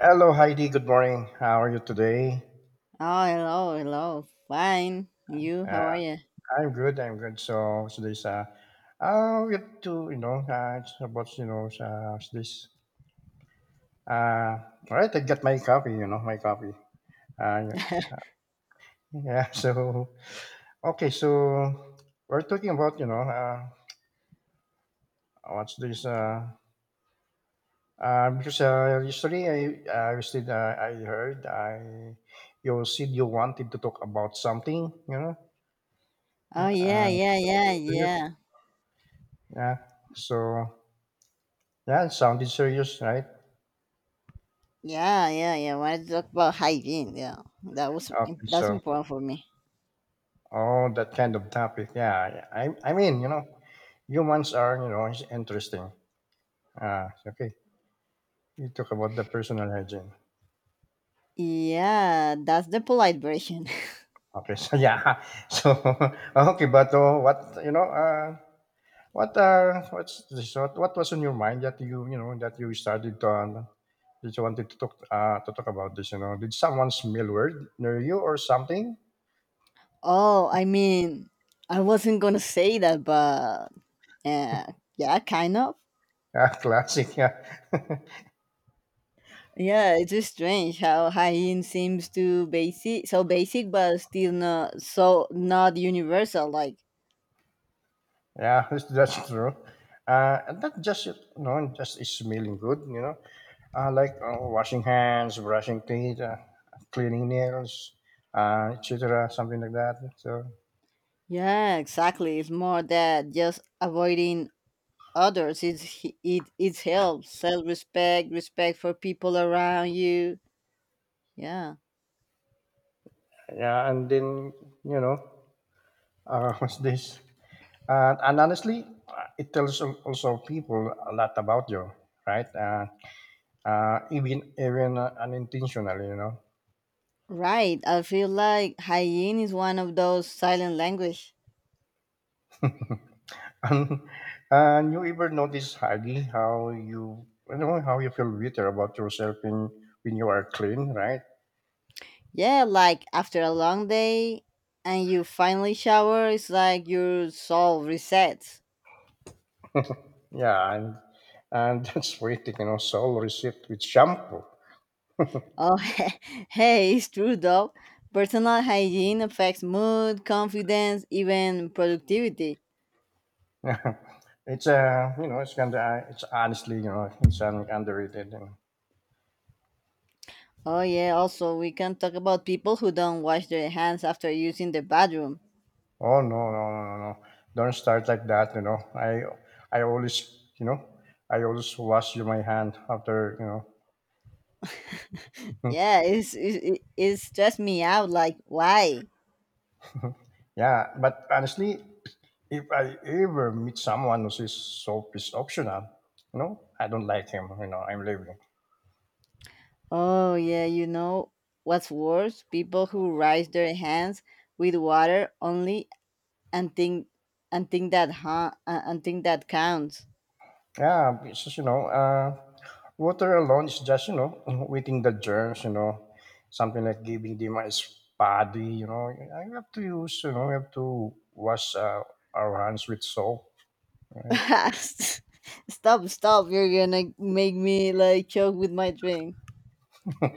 Hello, Heidi. Good morning. How are you today? Oh, hello, hello. Fine. You, Uh, how are you? I'm good. I'm good. So today's we have to it's about this uh all right. I got my copy. You know my copy. Uh, yeah. So okay. So we're talking about what's this because yesterday I was did, I heard I you said you wanted to talk about something Oh, yeah, yeah, yeah, something to you. yeah. Yeah. So yeah, it sounded serious, right? Yeah, yeah, yeah. I wanted to talk about hygiene. Yeah, that was Okay, that's so important for me. oh, that kind of topic. Yeah, I mean, humans are it's interesting. Ah. Okay, you talk about the personal hygiene. Yeah, that's the polite version. Okay, so yeah, so okay, but what what what's this, what was in your mind that you know that you started to that you wanted to talk about this? You know, did someone smell weird near you or something? Oh, I mean, I wasn't gonna say that, but uh, yeah, kind of. Ah, classic. Yeah. Yeah, it's just strange how hygiene seems to basic, so basic, but still not universal. Like, Yeah, that's true. And not just just is smelling good, like washing hands, brushing teeth, cleaning nails, etc., something like that. So yeah, exactly. It's more that just avoiding others it helps self respect for people around you. Yeah. yeah, and then you know, what's this? And honestly, it tells also people a lot about you, right? Even unintentionally. Right, I feel like hygiene is one of those silent language And, and you ever notice, Hagi, how you feel bitter about yourself in, when you are clean, right? yeah, like after a long day and you finally shower, it's like your soul resets. Yeah, and that's why soul receipt with shampoo. Oh. Hey, it's true though. Personal hygiene affects mood, confidence, even productivity. it's a, it's kind of, it's honestly, it's an underrated. And, Oh yeah, also we can talk about people who don't wash their hands after using the bathroom. oh no, no, no, no, no! Don't start like that. I always, I always wash my hand after, you Yeah, it's it, it it stressed me out. Like, why? know. yeah, but honestly. If I ever meet someone who says soap is optional, I don't like him. I'm leaving. Oh yeah, you know what's worse? People who rinse their hands with water only and think that counts. Yeah, it's just, water alone is just, waiting the germs, something like giving them a spadi, I have to use, we have to wash our hands with soap. Right? Stop, stop! You're gonna make me like choke with my drink.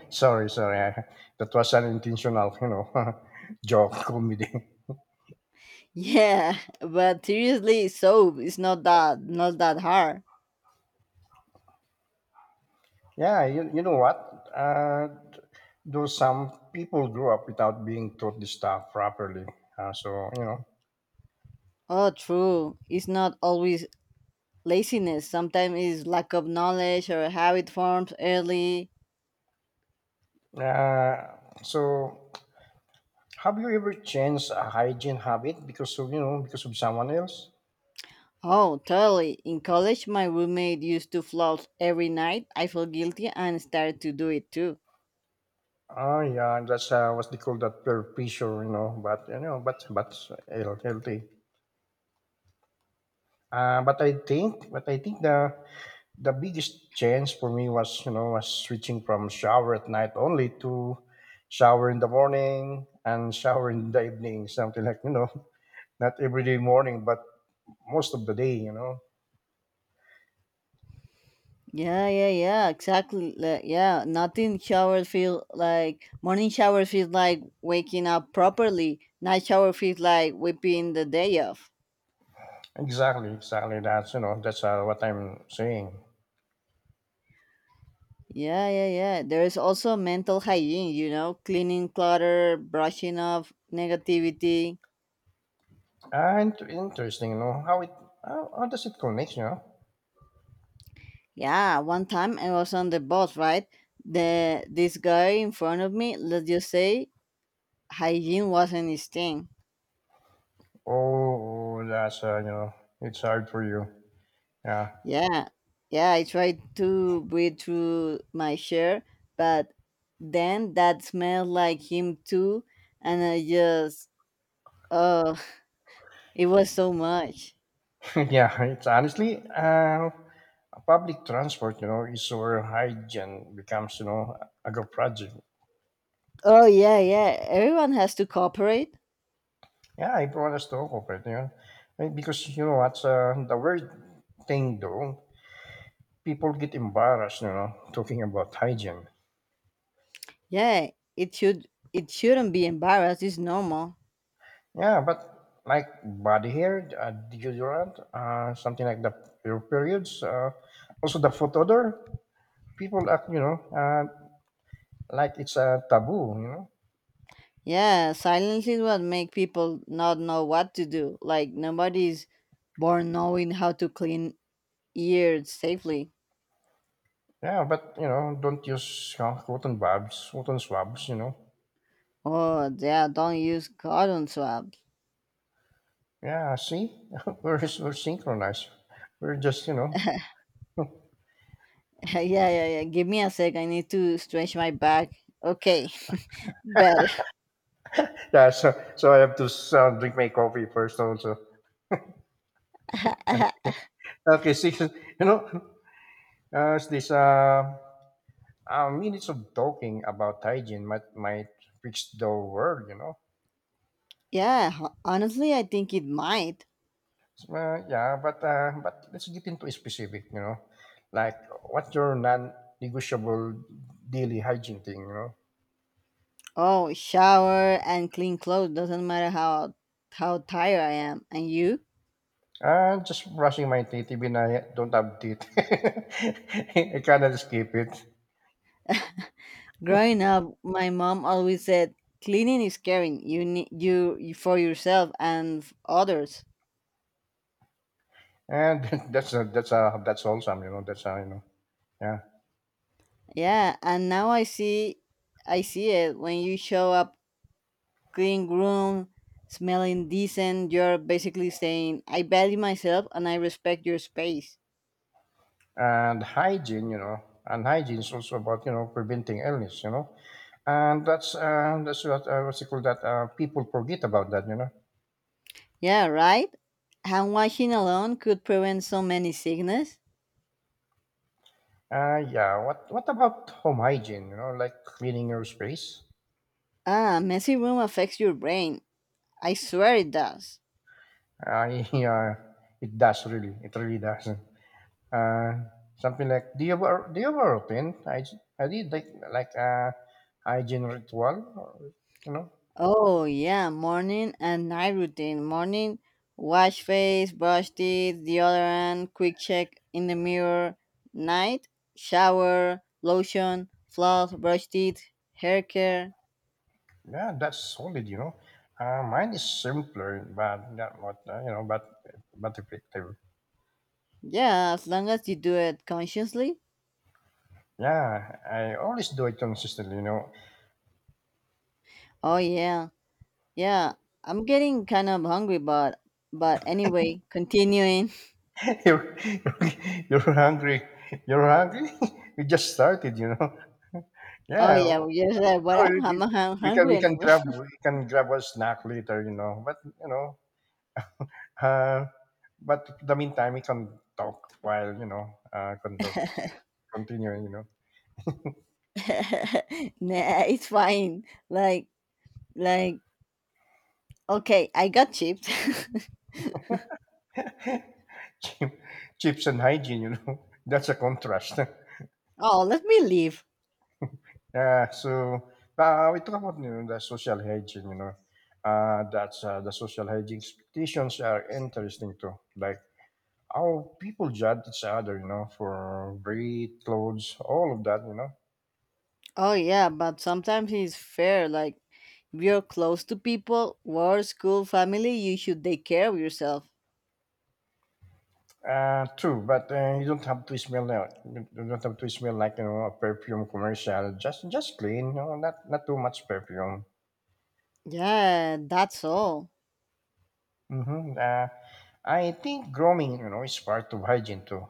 Sorry, sorry. That was an intentional, joke comedy. Yeah, but seriously, soap is not that hard. Yeah, you know what? Though some people grew up without being taught this stuff properly. So. Oh, true. It's not always. Laziness sometimes is lack of knowledge or habit forms early. Uh, so, have you ever changed a hygiene habit because of, because of someone else? Oh, totally. In college, my roommate used to floss every night. I felt guilty and started to do it too. Oh, yeah, that's what they call that peer pressure, but healthy. But I think, the biggest change for me was switching from shower at night only to shower in the morning and shower in the evening, something like, not every day morning, but most of the day. Yeah, yeah, yeah, exactly. Like, yeah, nothing shower feel like morning shower feels like waking up properly. Night shower feels like whipping the day off. Exactly, exactly. That's what I'm saying. Yeah, yeah, yeah. There is also mental hygiene, cleaning clutter, brushing off negativity. And interesting, how does it connect? Yeah, one time I was on the bus, right? The this guy in front of me, let's just say hygiene wasn't his thing. Oh, that's it's hard for you. Yeah, Yeah. Yeah, I tried to breathe through my chair, but then that smelled like him too, and I just, oh. It was so much. yeah. It's honestly, public transport, is where hygiene becomes, a good project. Oh yeah, yeah. Everyone has to cooperate. Yeah, I brought us to talk of it. And because what's the weird thing though people get embarrassed, talking about hygiene. Yeah, it should it shouldn't be embarrassed, it's normal. Yeah, but like body hair, deodorant, something like the your periods, also the foot odor. People act, like it's a taboo. Yeah, silences what make people not know what to do. Like nobody's born knowing how to clean ears safely. Yeah, but don't use you cotton babs, cotton swabs. Oh yeah, don't use cotton swabs. Yeah, see, we're synchronized. We're just. Yeah, yeah, yeah. Give me a sec. I need to stretch my back. Okay. Better. Yeah, so I have to drink my coffee first also. Okay, see, know, as this minutes of talking about hygiene might fix the world. Yeah, honestly, I think it might. So, yeah, but let's get into specific, like what's your non-negotiable daily hygiene thing? Oh, shower and clean clothes. Doesn't matter how tired I am. And you? Just brushing my teeth even I don't have teeth. I cannot skip it, Growing up, my mom always said, "Cleaning is caring. You need for yourself and others." and that's wholesome. That's a, yeah. Yeah, and now I see, it when you show up clean room, smelling decent. You're basically saying, "I value myself and I respect your space." and hygiene, you know, and hygiene is also about preventing illness, and that's what what's it called that people forget about that. Yeah, right. Hand washing alone could prevent so many sickness. Yeah. What about home hygiene? Like cleaning your space. Ah, messy room affects your brain. I swear it does. Yeah, it does really. It really does. Uh, something like do you ever routine hygiene? I did like hygiene ritual, or, you know. Oh yeah, morning and night routine. Morning, wash face, brush teeth, deodorant, quick check in the mirror. Night, shower, lotion, floss, brush teeth, hair care. Yeah, that's solid. Mine is simpler, but that what but effective. Yeah, as long as you do it consciously. Yeah, I always do it consistently. Oh yeah, yeah. I'm getting kind of hungry, but anyway, continuing. you're, you're you're hungry, you're hungry. we just started. Oh Yeah, yeah, well, oh, yes, but you- I'm, you- I'm we can hungry we can anyway. grab we can grab a snack later. Uh, but in the meantime we can talk while uh, con- continue. Nah, it's fine. Like like. Okay, I got chipped. chips and hygiene. that's a contrast. Oh, let me leave. Yeah, so we talk about the social hygiene, that's the social hygiene expectations are interesting too. Like how people judge each other, for weight, clothes, all of that. Oh, yeah, but sometimes it's fair. Like, if you're close to people, work, school, family, you should take care of yourself. True, but you don't have to smell now. You don't have to smell like a perfume commercial. Just clean, not too much perfume. Yeah, that's all. Mm-hmm. I think grooming, is part of hygiene too.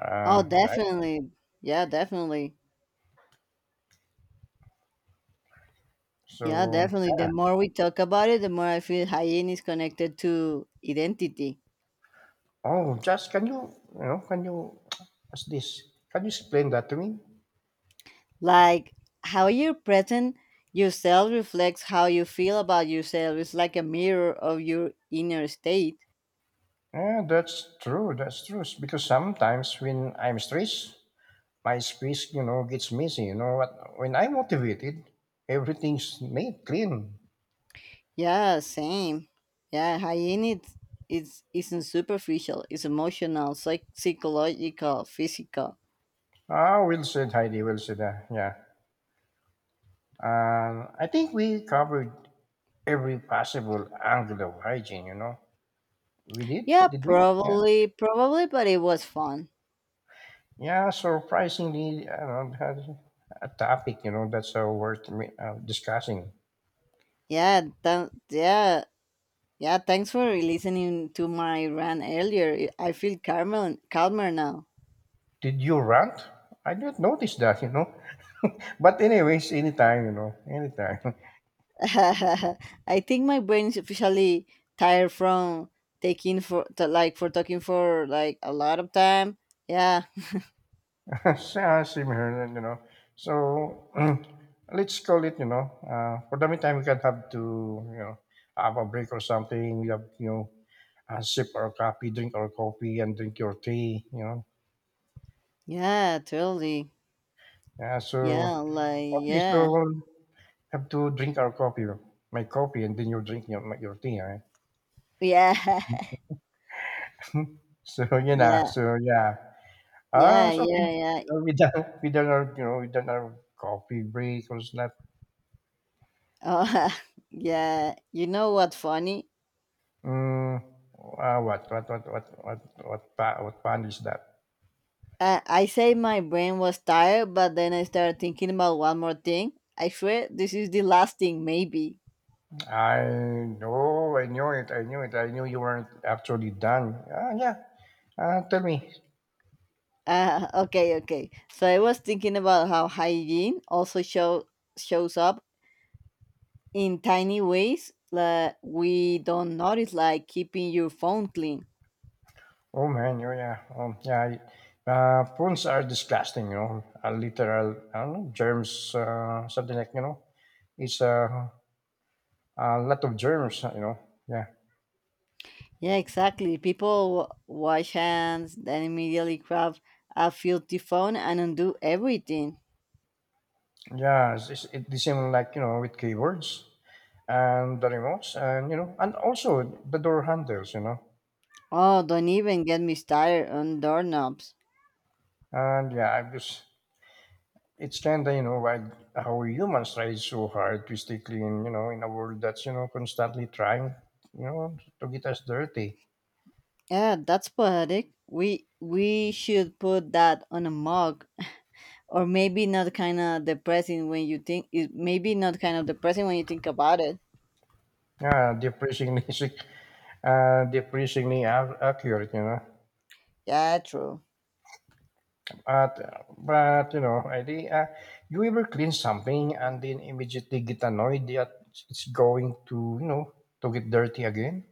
Oh, Right. definitely. Yeah, definitely. Yeah, So definitely. yeah. The more we talk about it, the more I feel hygiene is connected to identity. Oh, just can you, what's this? Can you explain that to me? Like, how you present yourself reflects how you feel about yourself. It's like a mirror of your inner state. Yeah, that's true. That's true. Because sometimes when I'm stressed, my space, gets messy. You know what? When I'm motivated, everything's made clean. Yeah, same. Yeah, hygiene is isn't superficial. It's emotional, psychological, physical. Ah, well said, Heidi. Well said. Ah, yeah. I think we covered every possible angle of hygiene. We did. Yeah, Did we? Yeah. probably, probably, but it was fun. Yeah. Surprisingly, I don't know, that's a topic. That's worth discussing. Yeah, yeah, yeah. Thanks for listening to my rant earlier. I feel calmer, calmer now. Did you rant? I didn't notice that. But anyways, anytime, anytime. I think my brain is officially tired from like for talking for like a lot of time. Yeah, Similar. So let's call it. For the meantime, we can have to, you know, have a break or something. We have, sip our coffee, drink our coffee, and drink your tea. yeah, totally. Yeah. So Yeah, like okay, so yeah. we'll have to drink our coffee, my coffee, and then you drink your tea, all right? Yeah. so Yeah, so yeah. Ah, yeah, it's okay. yeah, yeah. We done our coffee break or snack. Oh. Yeah. You know what? Funny? Mm, what pan is that? I say my brain was tired, but then I started thinking about one more thing. I swear, this is the last thing, maybe. I know, I knew it, I knew you weren't actually done. Ah, yeah. Tell me. Okay, okay. So I was thinking about how hygiene also shows up in tiny ways that we don't notice, like keeping your phone clean. Oh man, you yeah, yeah. Prunes are disgusting, a literal I don't know, germs, something like it's a lot of germs. Yeah. Yeah, exactly. People wash hands, then immediately grab a filthy phone and undo everything. Yeah, it's the same like with keyboards and the remotes and and also the door handles. Oh, don't even get me started on doorknobs. And yeah, I just it's kind of why how humans try so hard to stay clean, in a world that's constantly trying, to get us dirty. Yeah, that's poetic. We should put that on a mug, or maybe not, kind of depressing when you think. It maybe not kind of depressing when you think about it. Yeah, depressingly, depressingly accurate. Yeah, true. But I think, you ever clean something and then immediately get annoyed that it's going to to get dirty again?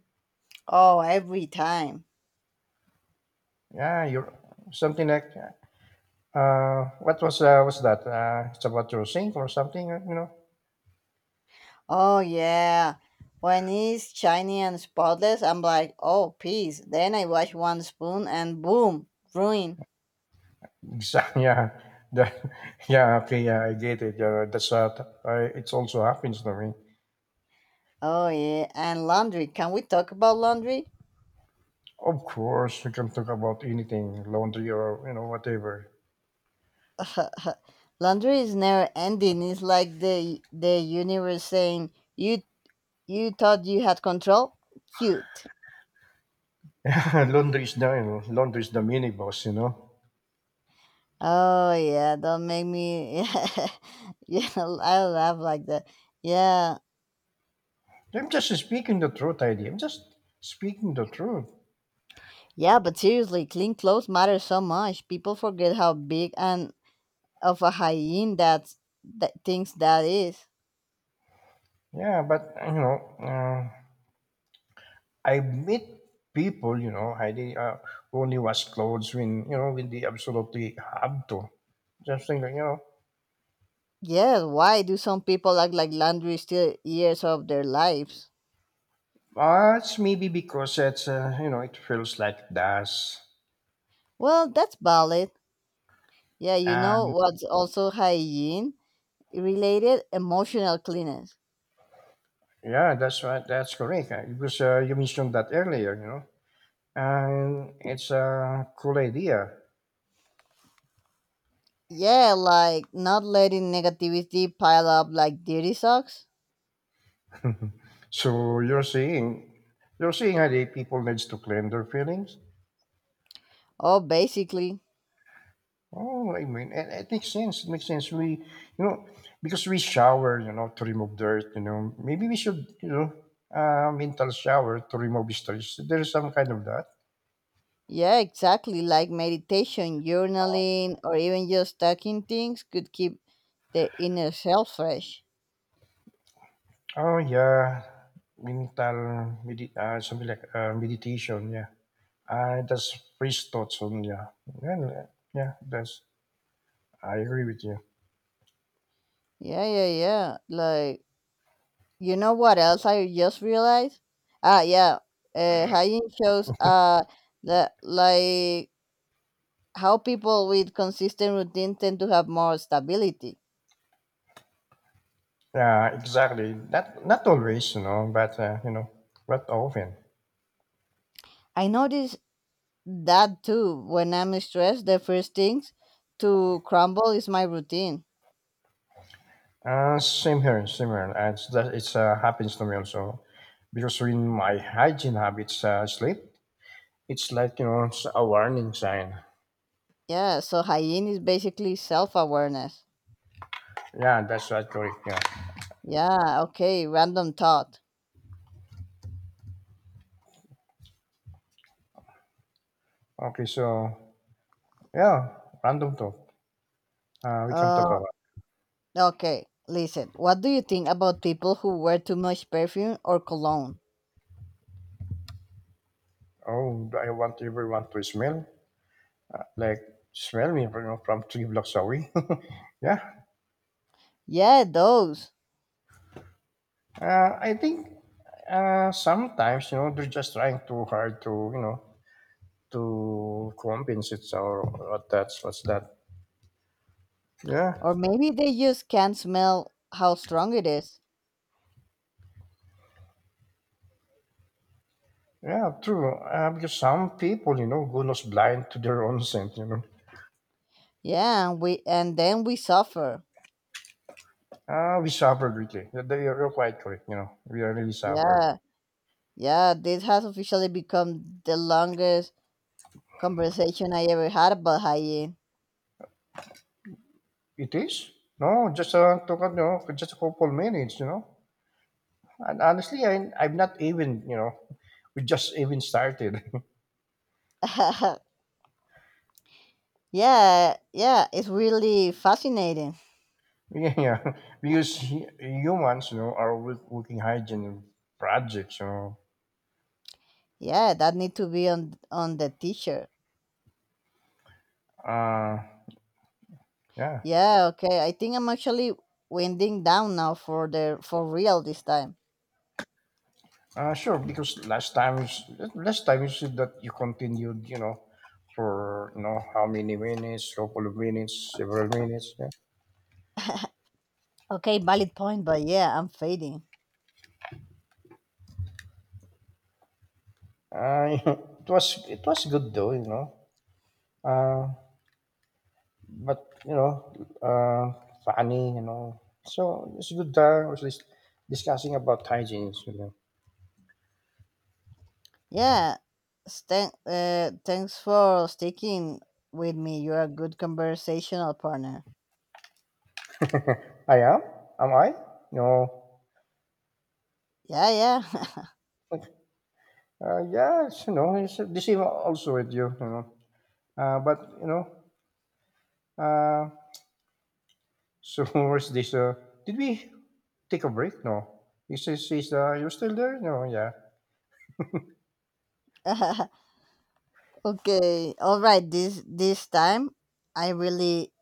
Oh, every time. Yeah, you're something like what was that? It's about your sink or something? Oh yeah. When it's shiny and spotless, I'm like, oh, peace. Then I wash one spoon and boom, ruin. exactly. Yeah. That- yeah. Okay. Yeah, I get it. Yeah, that's I, it also happens to me. Oh yeah. And laundry. Can we talk about laundry? Of course, we can talk about anything, laundry or whatever. Laundry is never ending. It's like the universe saying, You thought you had control? Cute." Laundry is the mini boss. Oh yeah, don't make me. Yeah, I laugh like that. Yeah. I'm just speaking the truth, ID. I'm just speaking the truth. Yeah, but seriously, clean clothes matter so much. People forget how big and of a hyena that thinks that is. Yeah, but I meet people, Heidi, only wash clothes when when they absolutely have to. Just think, that, Yes, why do some people act like laundry still years of their lives? It's maybe because it's it feels like dust. Well, that's valid. Yeah, you know And what's also hygiene related, emotional cleanness. yeah, that's right. That's correct. Because you mentioned that earlier, and it's a cool idea. Yeah, like not letting negativity pile up like dirty socks. So you're saying Heidi, people needs to clean their feelings. Oh, basically. Oh, I mean, it makes sense. It makes sense. We, you know, because we shower, to remove dirt, maybe we should, mental shower to remove stress. There's some kind of that. Yeah, exactly. Like meditation, journaling, or even just tucking things could keep the inner self fresh. Oh, yeah. Mental, something like meditation, yeah. That's free thoughts on, yeah. Yeah, yeah, that's, I agree with you. Yeah, yeah, yeah. Like, you know what else I just realized? Ah, yeah. Hygiene shows that, like, how people with consistent routine tend to have more stability. Yeah, exactly. Not always, you know, but often. I notice that too. When I'm stressed, the first things to crumble is my routine. Same here, same here. And it's- that it's happens to me also, because in my hygiene habits, sleep, it's like you know it's a warning sign. Yeah, so hygiene is basically self-awareness. Yeah, that's right, correct. Yeah. Yeah, okay, random thought. Okay, so yeah, random talk. We can talk Uh, about. okay, listen. What do you think about people who wear too much perfume or cologne? Oh, I want everyone to smell like smell me from 3 blocks away. Yeah. Yeah, those. I think sometimes you know they're just trying too hard to you know to compensate or what that's what's that. Yeah. Or maybe they just can't smell how strong it is. Yeah, true. Because some people, you know, go nose blind to their own scent, you know. Yeah, and then we suffer. Ah, we suffer greatly. You're quite correct, you know. We really suffer. Yeah. Yeah, this has officially become the longest conversation I ever had about hygiene. It is? No, just took a, you know, just a couple minutes, you know. And honestly, I'm not even, you know, we just even started. Yeah, yeah, it's really fascinating. Yeah, yeah. Because humans, you know, are working hygiene projects, you know. Yeah, that need to be on the t-shirt. Uh, yeah. Yeah, okay. I think I'm actually winding down now for the for real this time. Sure, because last time, last time you said that you continued, you know, for you know how many minutes, couple of minutes, several minutes. Yeah. Okay, valid point, but yeah, I'm fading. It was good though, you know. Uh, but you know, uh, funny, you know. So it's good that we're just discussing about hygiene. You know. Yeah, thanks for sticking with me. You're a good conversational partner. I am. Am I? No. Yeah, Yes, you know, it's the same also with you, you know. But you know, uh, so where's this? Did we take a break? No. He says, you're still there? No, yeah. yeah. Okay, all right. This time, I really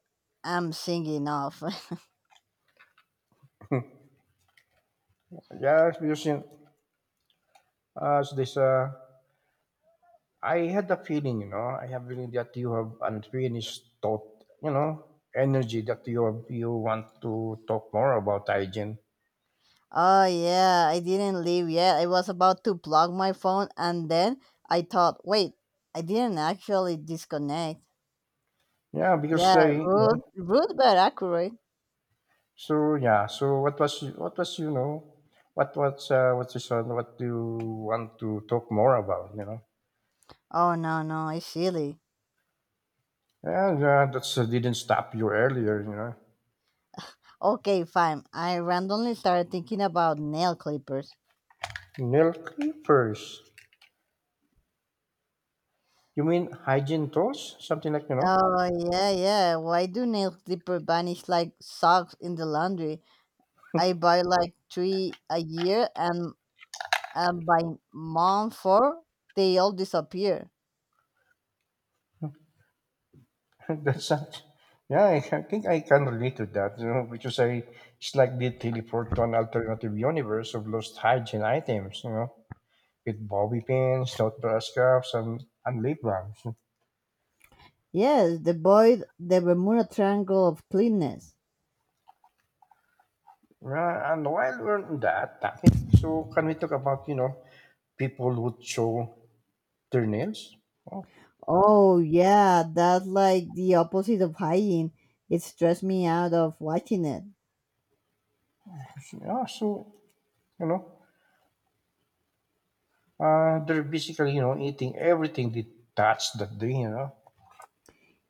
am singing off. Yeah, because uh, so this, uh, I had a feeling, you know, I have feeling that you have unfinished thought, you know, energy that you have, you want to talk more about hygiene. Oh yeah, I didn't leave yet. I was about to plug my phone, and then I thought, wait, I didn't actually disconnect. Yeah, because Yeah, you know, rude, rude but accurate. so yeah, so what was, you know, what's this one, what do you want to talk more about, you know? Oh no, no, it's silly. And that's didn't stop you earlier, you know. Okay, fine. I randomly started thinking about nail clippers. Nail clippers. You mean hygiene tools? Something like, you know, Oh, yeah, yeah. Why do nail clipper vanish like socks in the laundry? I buy like 3 a year, and by month 4, they all disappear. that's not. Yeah, I think I can relate to that, you know, because I slightly teleport to an alternative universe of lost hygiene items, you know, with bobby pins, toothbrush caps, and lip balms. Yes, the void, the Bermuda Triangle of cleanness. Yeah, and while we're on that topic, so can we talk about, you know, people who show their nails? Oh, Oh, yeah, that's like the opposite of hygiene. It stressed me out of watching it. yeah, so, you know, they're basically, you know, eating everything they touch that day, you know.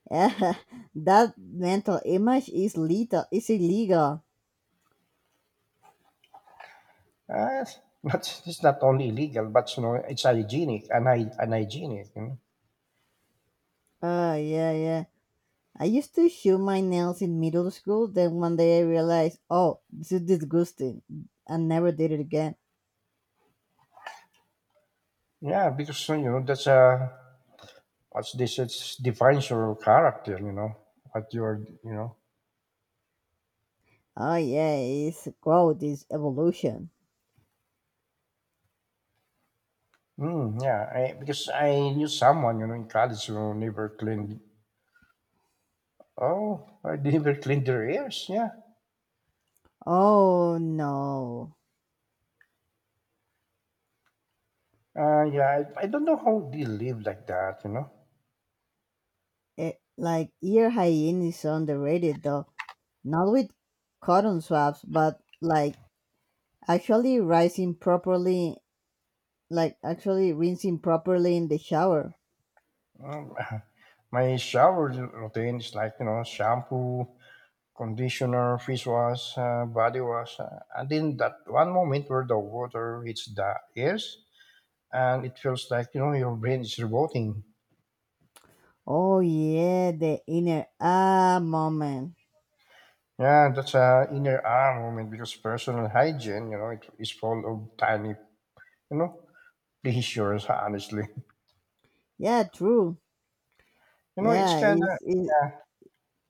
That mental image is illegal. Ah, but it's not only illegal, but you know, it's hygienic, unhygienic. You know? Oh, yeah, yeah. I used to chew my nails in middle school, then one day I realized, oh, this is disgusting, and never did it again. Yeah, because you know that's what's this? It defines your character. You know what you're. You know. Oh, yeah, it's growth, it's evolution. Mm, yeah, because I knew someone you know in college who never cleaned. Oh, I never cleaned their ears. Yeah. Oh, no. Yeah. I don't know how they live like that. You know. Like, ear hygiene is underrated, though. Not with cotton swabs, but like actually rinsing properly, like actually rinsing properly in the shower. Um, my shower routine is like you know shampoo, conditioner, fish wash, body wash. And in that one moment where the water hits the ears and it feels like, you know, your brain is revolting. Oh, yeah, the inner ah moment. Yeah, that's a inner arm moment because personal hygiene, you know, it is full of tiny, you know, pleasures, honestly. Yeah, true. You know, it's Yeah, kind of,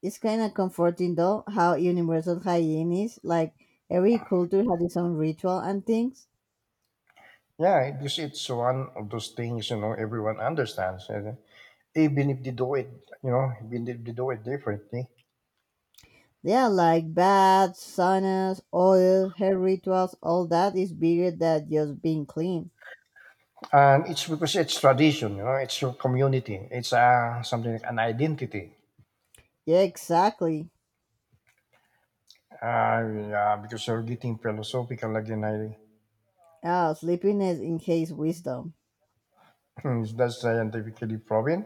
it's kind of comforting though how universal hygiene is. Like every culture has its own ritual and things. yeah, because it's one of those things, you know, everyone understands. And even if they do it, you know, even if they do it differently. Yeah, like baths, saunas, oil, hair rituals, all that is bigger than just being clean. And it's because it's tradition, you know, it's your community, it's something like an identity. Yeah, exactly. Uh, yeah, because you're getting philosophical again. Ah, sleepiness in case wisdom. That's scientifically proven.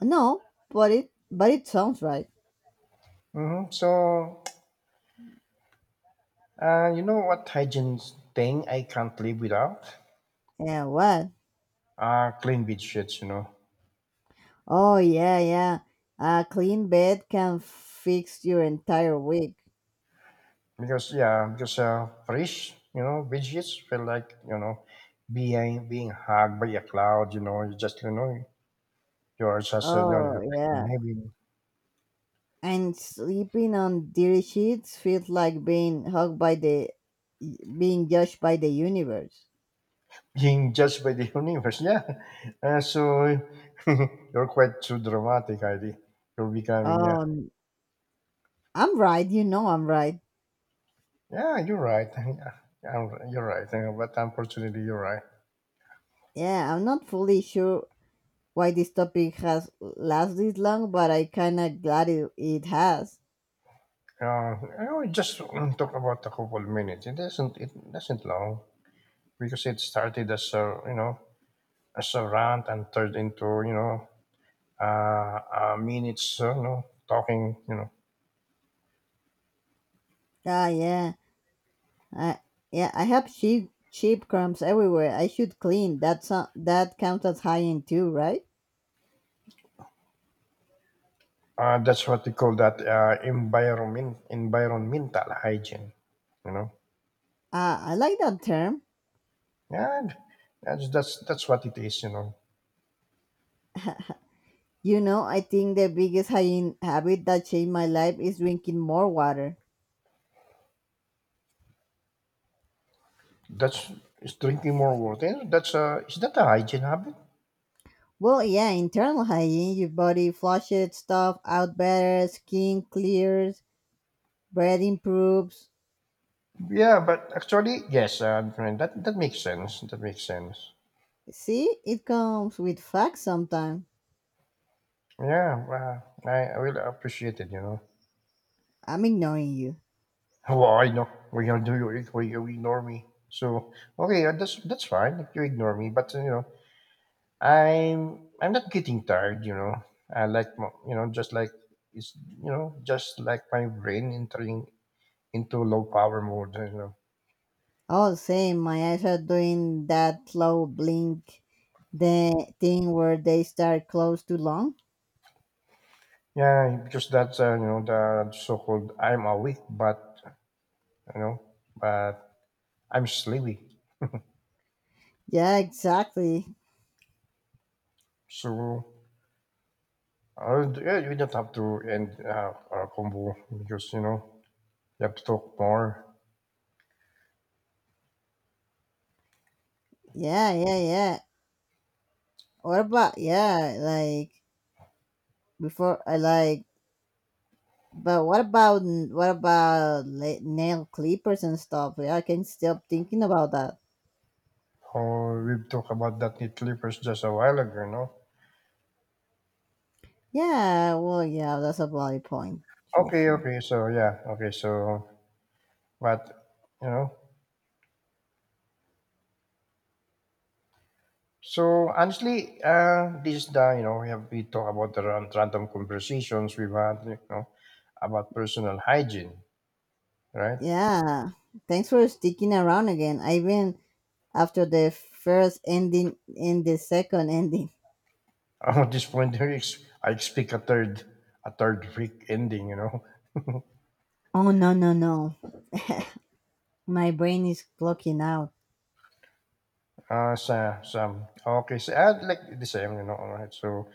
No, but it sounds right. So, you know what hygiene thing I can't live without? Yeah, what? Clean bed sheets, you know, Oh yeah, yeah. A clean bed can fix your entire week. because yeah, because fresh, you know, bed sheets feel like you know, being hugged by a cloud, you know, you're just you know, you're Oh like yeah. in heaven. And sleeping on dirty sheets feels like being judged by the universe. Being judged by the universe. Yeah. So you're quite too dramatic, ID. You're becoming, yeah. um I'm right, I'm right. Yeah, you're right. Yeah, you're right. But unfortunately, you're right. Yeah, I'm not fully sure why this topic has lasted this long, but I kind of glad it has. I will just talk about a couple minutes. It doesn't. It doesn't long because it started as a you know as a rant and turned into you know minutes. You know talking you know Ah, yeah, i yeah I have sheep crumbs everywhere. I should clean. That counts as hygiene too, right? That's what we call that environmental hygiene, you know. Ah, I like that term. Yeah, that's what it is, you know. You know, I think the biggest hygiene habit that changed my life is drinking more water. That's is drinking more water. That's Is that a hygiene habit? Well, yeah, internal hygiene, your body flushes stuff out better, skin clears, breath improves. Yeah, but actually, yes, friend, that makes sense. That makes sense. See, it comes with facts sometimes. Yeah, well, I really appreciate it, you know. I'm ignoring you. Well, I know we you do you why you ignore me. So okay, that's fine if you ignore me, but you know, I'm not getting tired, you know. I like you know just like my brain entering into low power mode, you know. Oh, same, my eyes are doing that slow blink, the thing where they start close to long. Yeah, yeah, yeah, because that's you know the so-called I'm awake, but you know, but I'm sleepy. Yeah, exactly. So yeah, you don't have to end our combo because you know you have to talk more. Yeah, yeah, yeah. What about, yeah, like, before I like, but what about nail clippers and stuff? Yeah, I can't stop thinking about that. Oh, we've talked about that knee clippers just a while ago, you know. Yeah, well, yeah, that's a valid point. Sure, Okay, sure. okay, so yeah, okay, so but you know, so honestly, this is the you know we talk about the random conversations we've had, you know, about personal hygiene, right? Yeah, thanks for sticking around again. I Even after the first ending and the second ending. Oh, at this point, I expect a third freak ending, you know. Oh no, no, no! My brain is clocking out. Sa, some Okay, so I'd like the same, you know. All right, so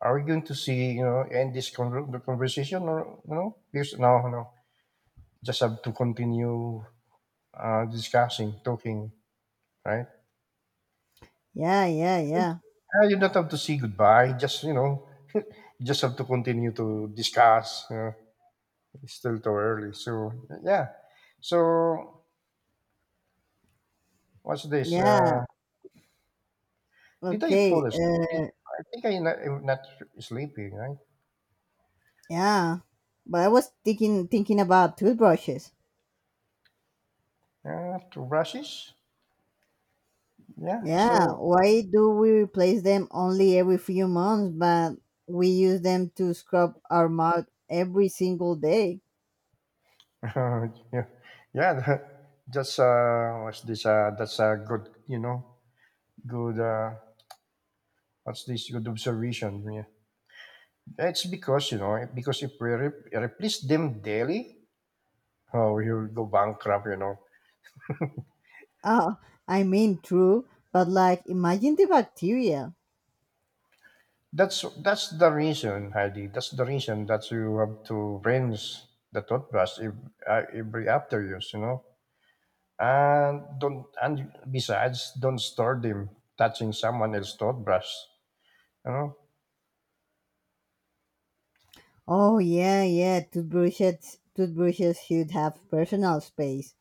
are we going to see, you know, end this the conversation, or you know, this no, no, just have to continue discussing, talking, right? Yeah, yeah, yeah, You don't have to say goodbye. Just you know, you just have to continue to discuss. You know, it's still too early, so yeah. So what's this? Yeah. Did I fall Okay. asleep? I think I'm not sleeping, right? Yeah, but I was thinking about toothbrushes. Two brushes. Yeah. Yeah, So why do we replace them only every few months, but we use them to scrub our mouth every single day? yeah, yeah. that- That's What's this? That's a good, you know, good. What's this? Good observation. Yeah. It's because you know, because if we replace them daily, oh, you'll go bankrupt. You know. Oh, I mean, true, but like, imagine the bacteria. That's the reason, Heidi. That's the reason that you have to rinse the toothbrush every after use. You know. And don't and besides don't start them touching someone else's toothbrush, you know. Oh, yeah, yeah, toothbrushes should have personal space.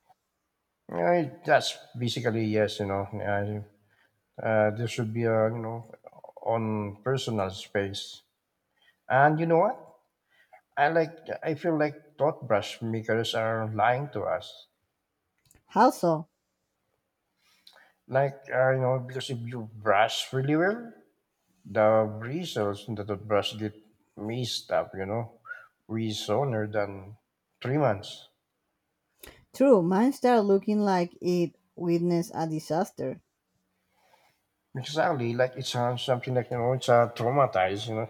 Yeah, that's basically yes you know there should be a you know on personal space. And you know what, i like I feel like toothbrush makers are lying to us, How so? like you know, because if you brush really well, the bristles in the toothbrush get messed up, you know, way sooner than 3 months. True, mine start looking like it witnessed a disaster. Exactly, like it's something like you know, it's traumatized, you know.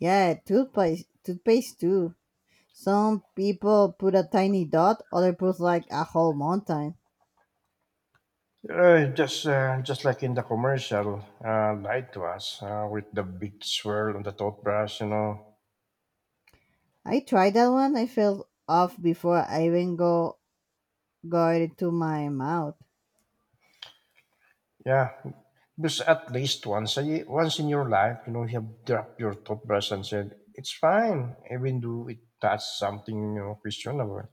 Yeah, toothpaste too. Some people put a tiny dot, other put like a whole mountain. Just like in the commercial, lied to us with the big swirl on the toothbrush, you know. I tried that one. I fell off before I even go got it to my mouth. Yeah, because at least once once in your life, you know, you have dropped your toothbrush and said it's fine, even though it touched something you know questionable.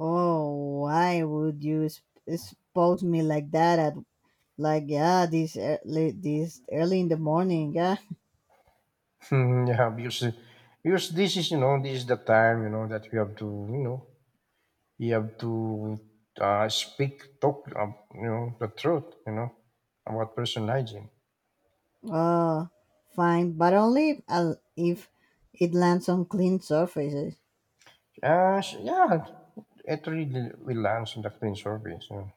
Oh, why would you expose me like that? At like, yeah, this early in the morning. Yeah. Yeah, because this is the time, you know, that we have to you know you have to speak, talk, you know, the truth, you know, about personal hygiene. Oh, fine, but only if it lands on clean surfaces. Yeah, it really will answer the clean surface. You know.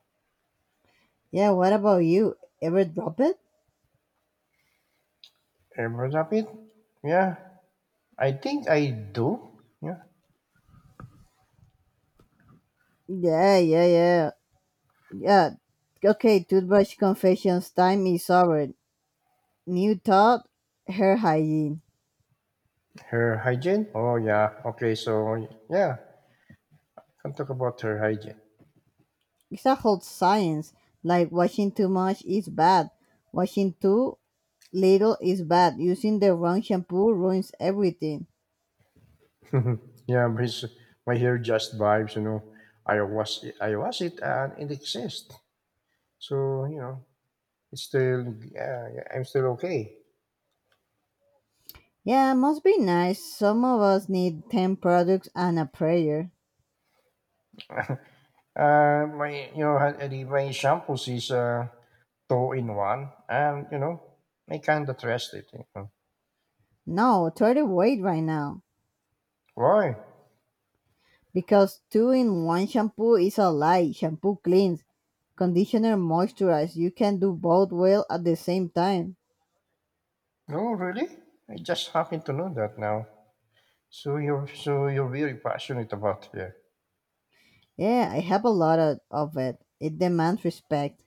Yeah. What about you? Ever drop it? Ever of it? Yeah, I think I do. Yeah, Yeah, yeah, yeah, yeah. Okay, toothbrush confessions time is over. New thought, hair hygiene. her hygiene. Oh yeah, okay. So yeah, can talk about her hygiene. It's a holds science, like washing too much is bad, washing too little is bad, using the wrong shampoo ruins everything. Yeah, my hair just vibes. You know, I wash it and it exists. So you know, it's still yeah, yeah, I'm still okay. Yeah, must be nice. Some of us need 10 products and a prayer. My you know ha- the- my shampoos is two in one, and you know I kind of trust it. You know. No, try to wait right now. Why? Because two in one shampoo is a lie. Shampoo cleans, conditioner moisturizes. You can do both well at the same time. No, really? I just happen to know that now. So you're very passionate about it. Yeah, I have a lot of it. It demands respect.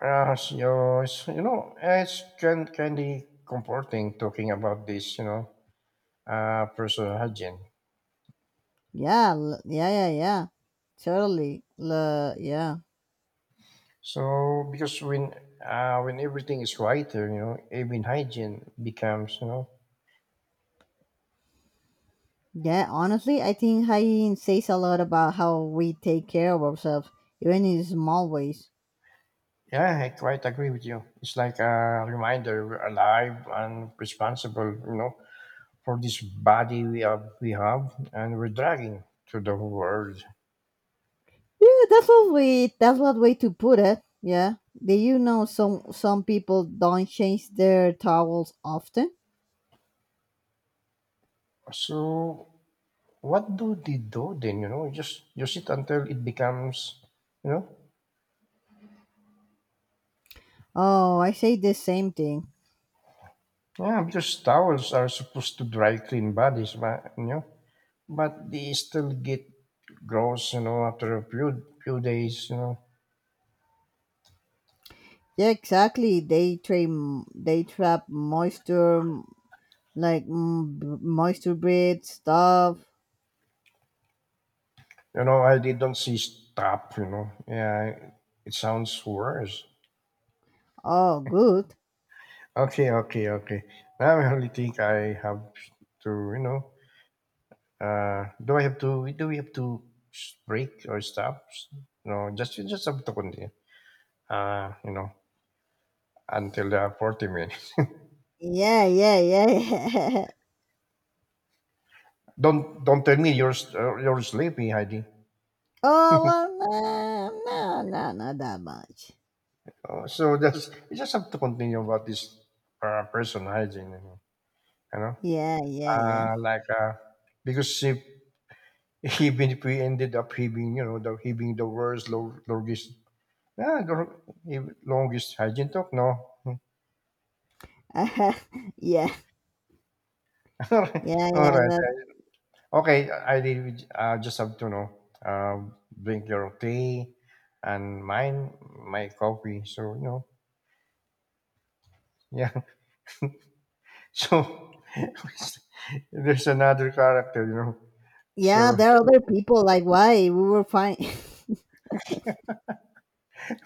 You know it's kind of comforting talking about this. You know, personal hygiene. Yeah, yeah, yeah, yeah. Totally. Yeah. So because when everything is quieter, you know, even hygiene becomes, you know. Yeah, honestly, I think hygiene says a lot about how we take care of ourselves, even in small ways. Yeah, I quite agree with you. It's like a reminder we're alive and responsible, you know, for this body we have and we're dragging to the world. Yeah, that's what way to put it. Yeah. Do you know some people don't change their towels often? So what do they do then, you know? Just use it until it becomes, you know? Oh, I say the same thing. Yeah, because towels are supposed to dry clean bodies, but, you know, but they still get gross, you know, after a few days, you know. Yeah, exactly. They trap moisture, like, mm, moisture breed stuff. You know, I didn't see stop, you know. Yeah, it sounds worse. Oh, good. Okay, okay, okay. Now I only think I have to, you know, do I have to? Do we have to break or stop? No, just you just have to continue. You know, until 40 minutes. Yeah, yeah, yeah, yeah. Don't tell me you're sleepy, Heidi. Oh, well, no, no, not that much. So just you just have to continue about this person hygiene. You know, Yeah, yeah, yeah. Like because if even if we ended up having, you know, the having the worst, lowest. Yeah, gro if longest hygiene talk, no. Yeah, yeah, yeah. Alright, That, okay, I did with just have to know, drink your tea and mine my coffee, so, you know, yeah. So, there's another character, you know, yeah, so there are other people. Like, why? We were fine.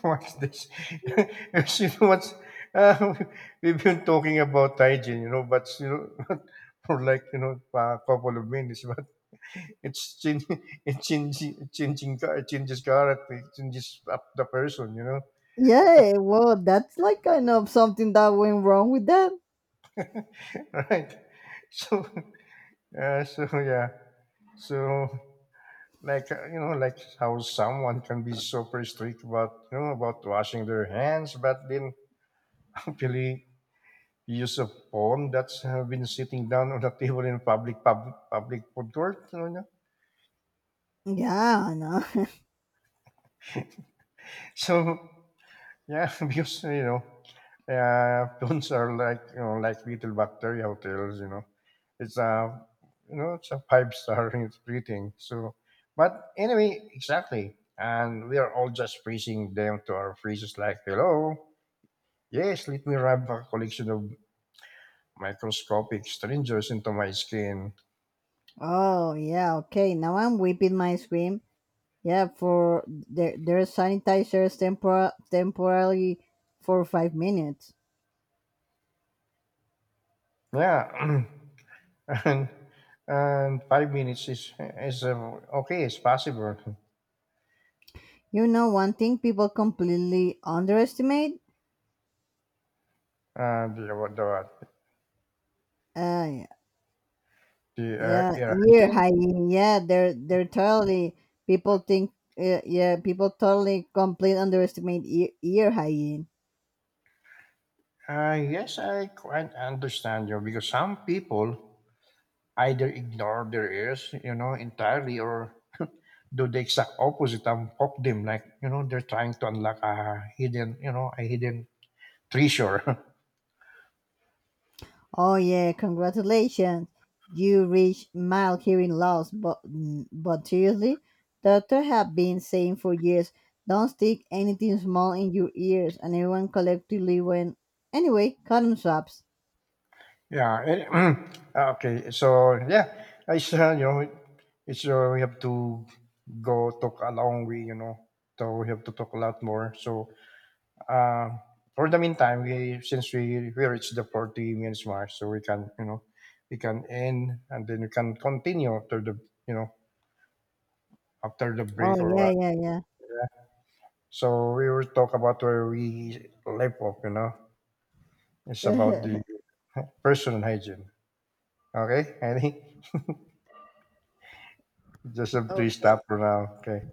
what's this? You know what's uh, we've been talking about hygiene, you know, but you know, for like you know a couple of minutes, but it's change, it changes character, it changes up the person, you know, Yeah, well, that's like kind of something that went wrong with them. right? So, so yeah, so like you know, like how someone can be super strict about you know about washing their hands, but then actually use of phone that's have been sitting down on the table in public food court, you know, yeah. Yeah, I know. So yeah. Because you know, phones are like you know like little bacteria hotels, you know. It's a you know it's a five star, rating, so. But anyway, exactly, and we are all just freezing them to our freezes like hello, yes, let me rub a collection of microscopic strangers into my skin. Oh, yeah, okay. Now I'm whipping my scream. Yeah, for there's sanitizers temporarily for 5 minutes. Yeah. and and 5 minutes is okay. It's possible. You know, one thing people completely underestimate. Uh, the the, Uh, the yeah, air ear hygiene. hygiene. Yeah, they're totally people think. Yeah, people totally complete underestimate ear hygiene. Yes, I quite understand you because some people either ignore their ears, you know, entirely, or do the exact opposite and poke them, like you know, they're trying to unlock a hidden, you know, a hidden treasure. Oh yeah, congratulations, you reached mild hearing loss. But seriously, doctors have been saying for years, don't stick anything small in your ears, and everyone collectively went anyway. Cotton swabs. Yeah. And, okay. So yeah, it's you know, it's we have to go talk a long way. You know, so we have to talk a lot more. So uh, for the meantime, we since we reached the 40 minutes mark, so we can end and then we can continue you know after the Oh break or yeah, what. yeah, So we will talk about where we left off. You know, it's about the yeah. personal hygiene. Okay, any? Just a three-star Okay. pronoun. Okay.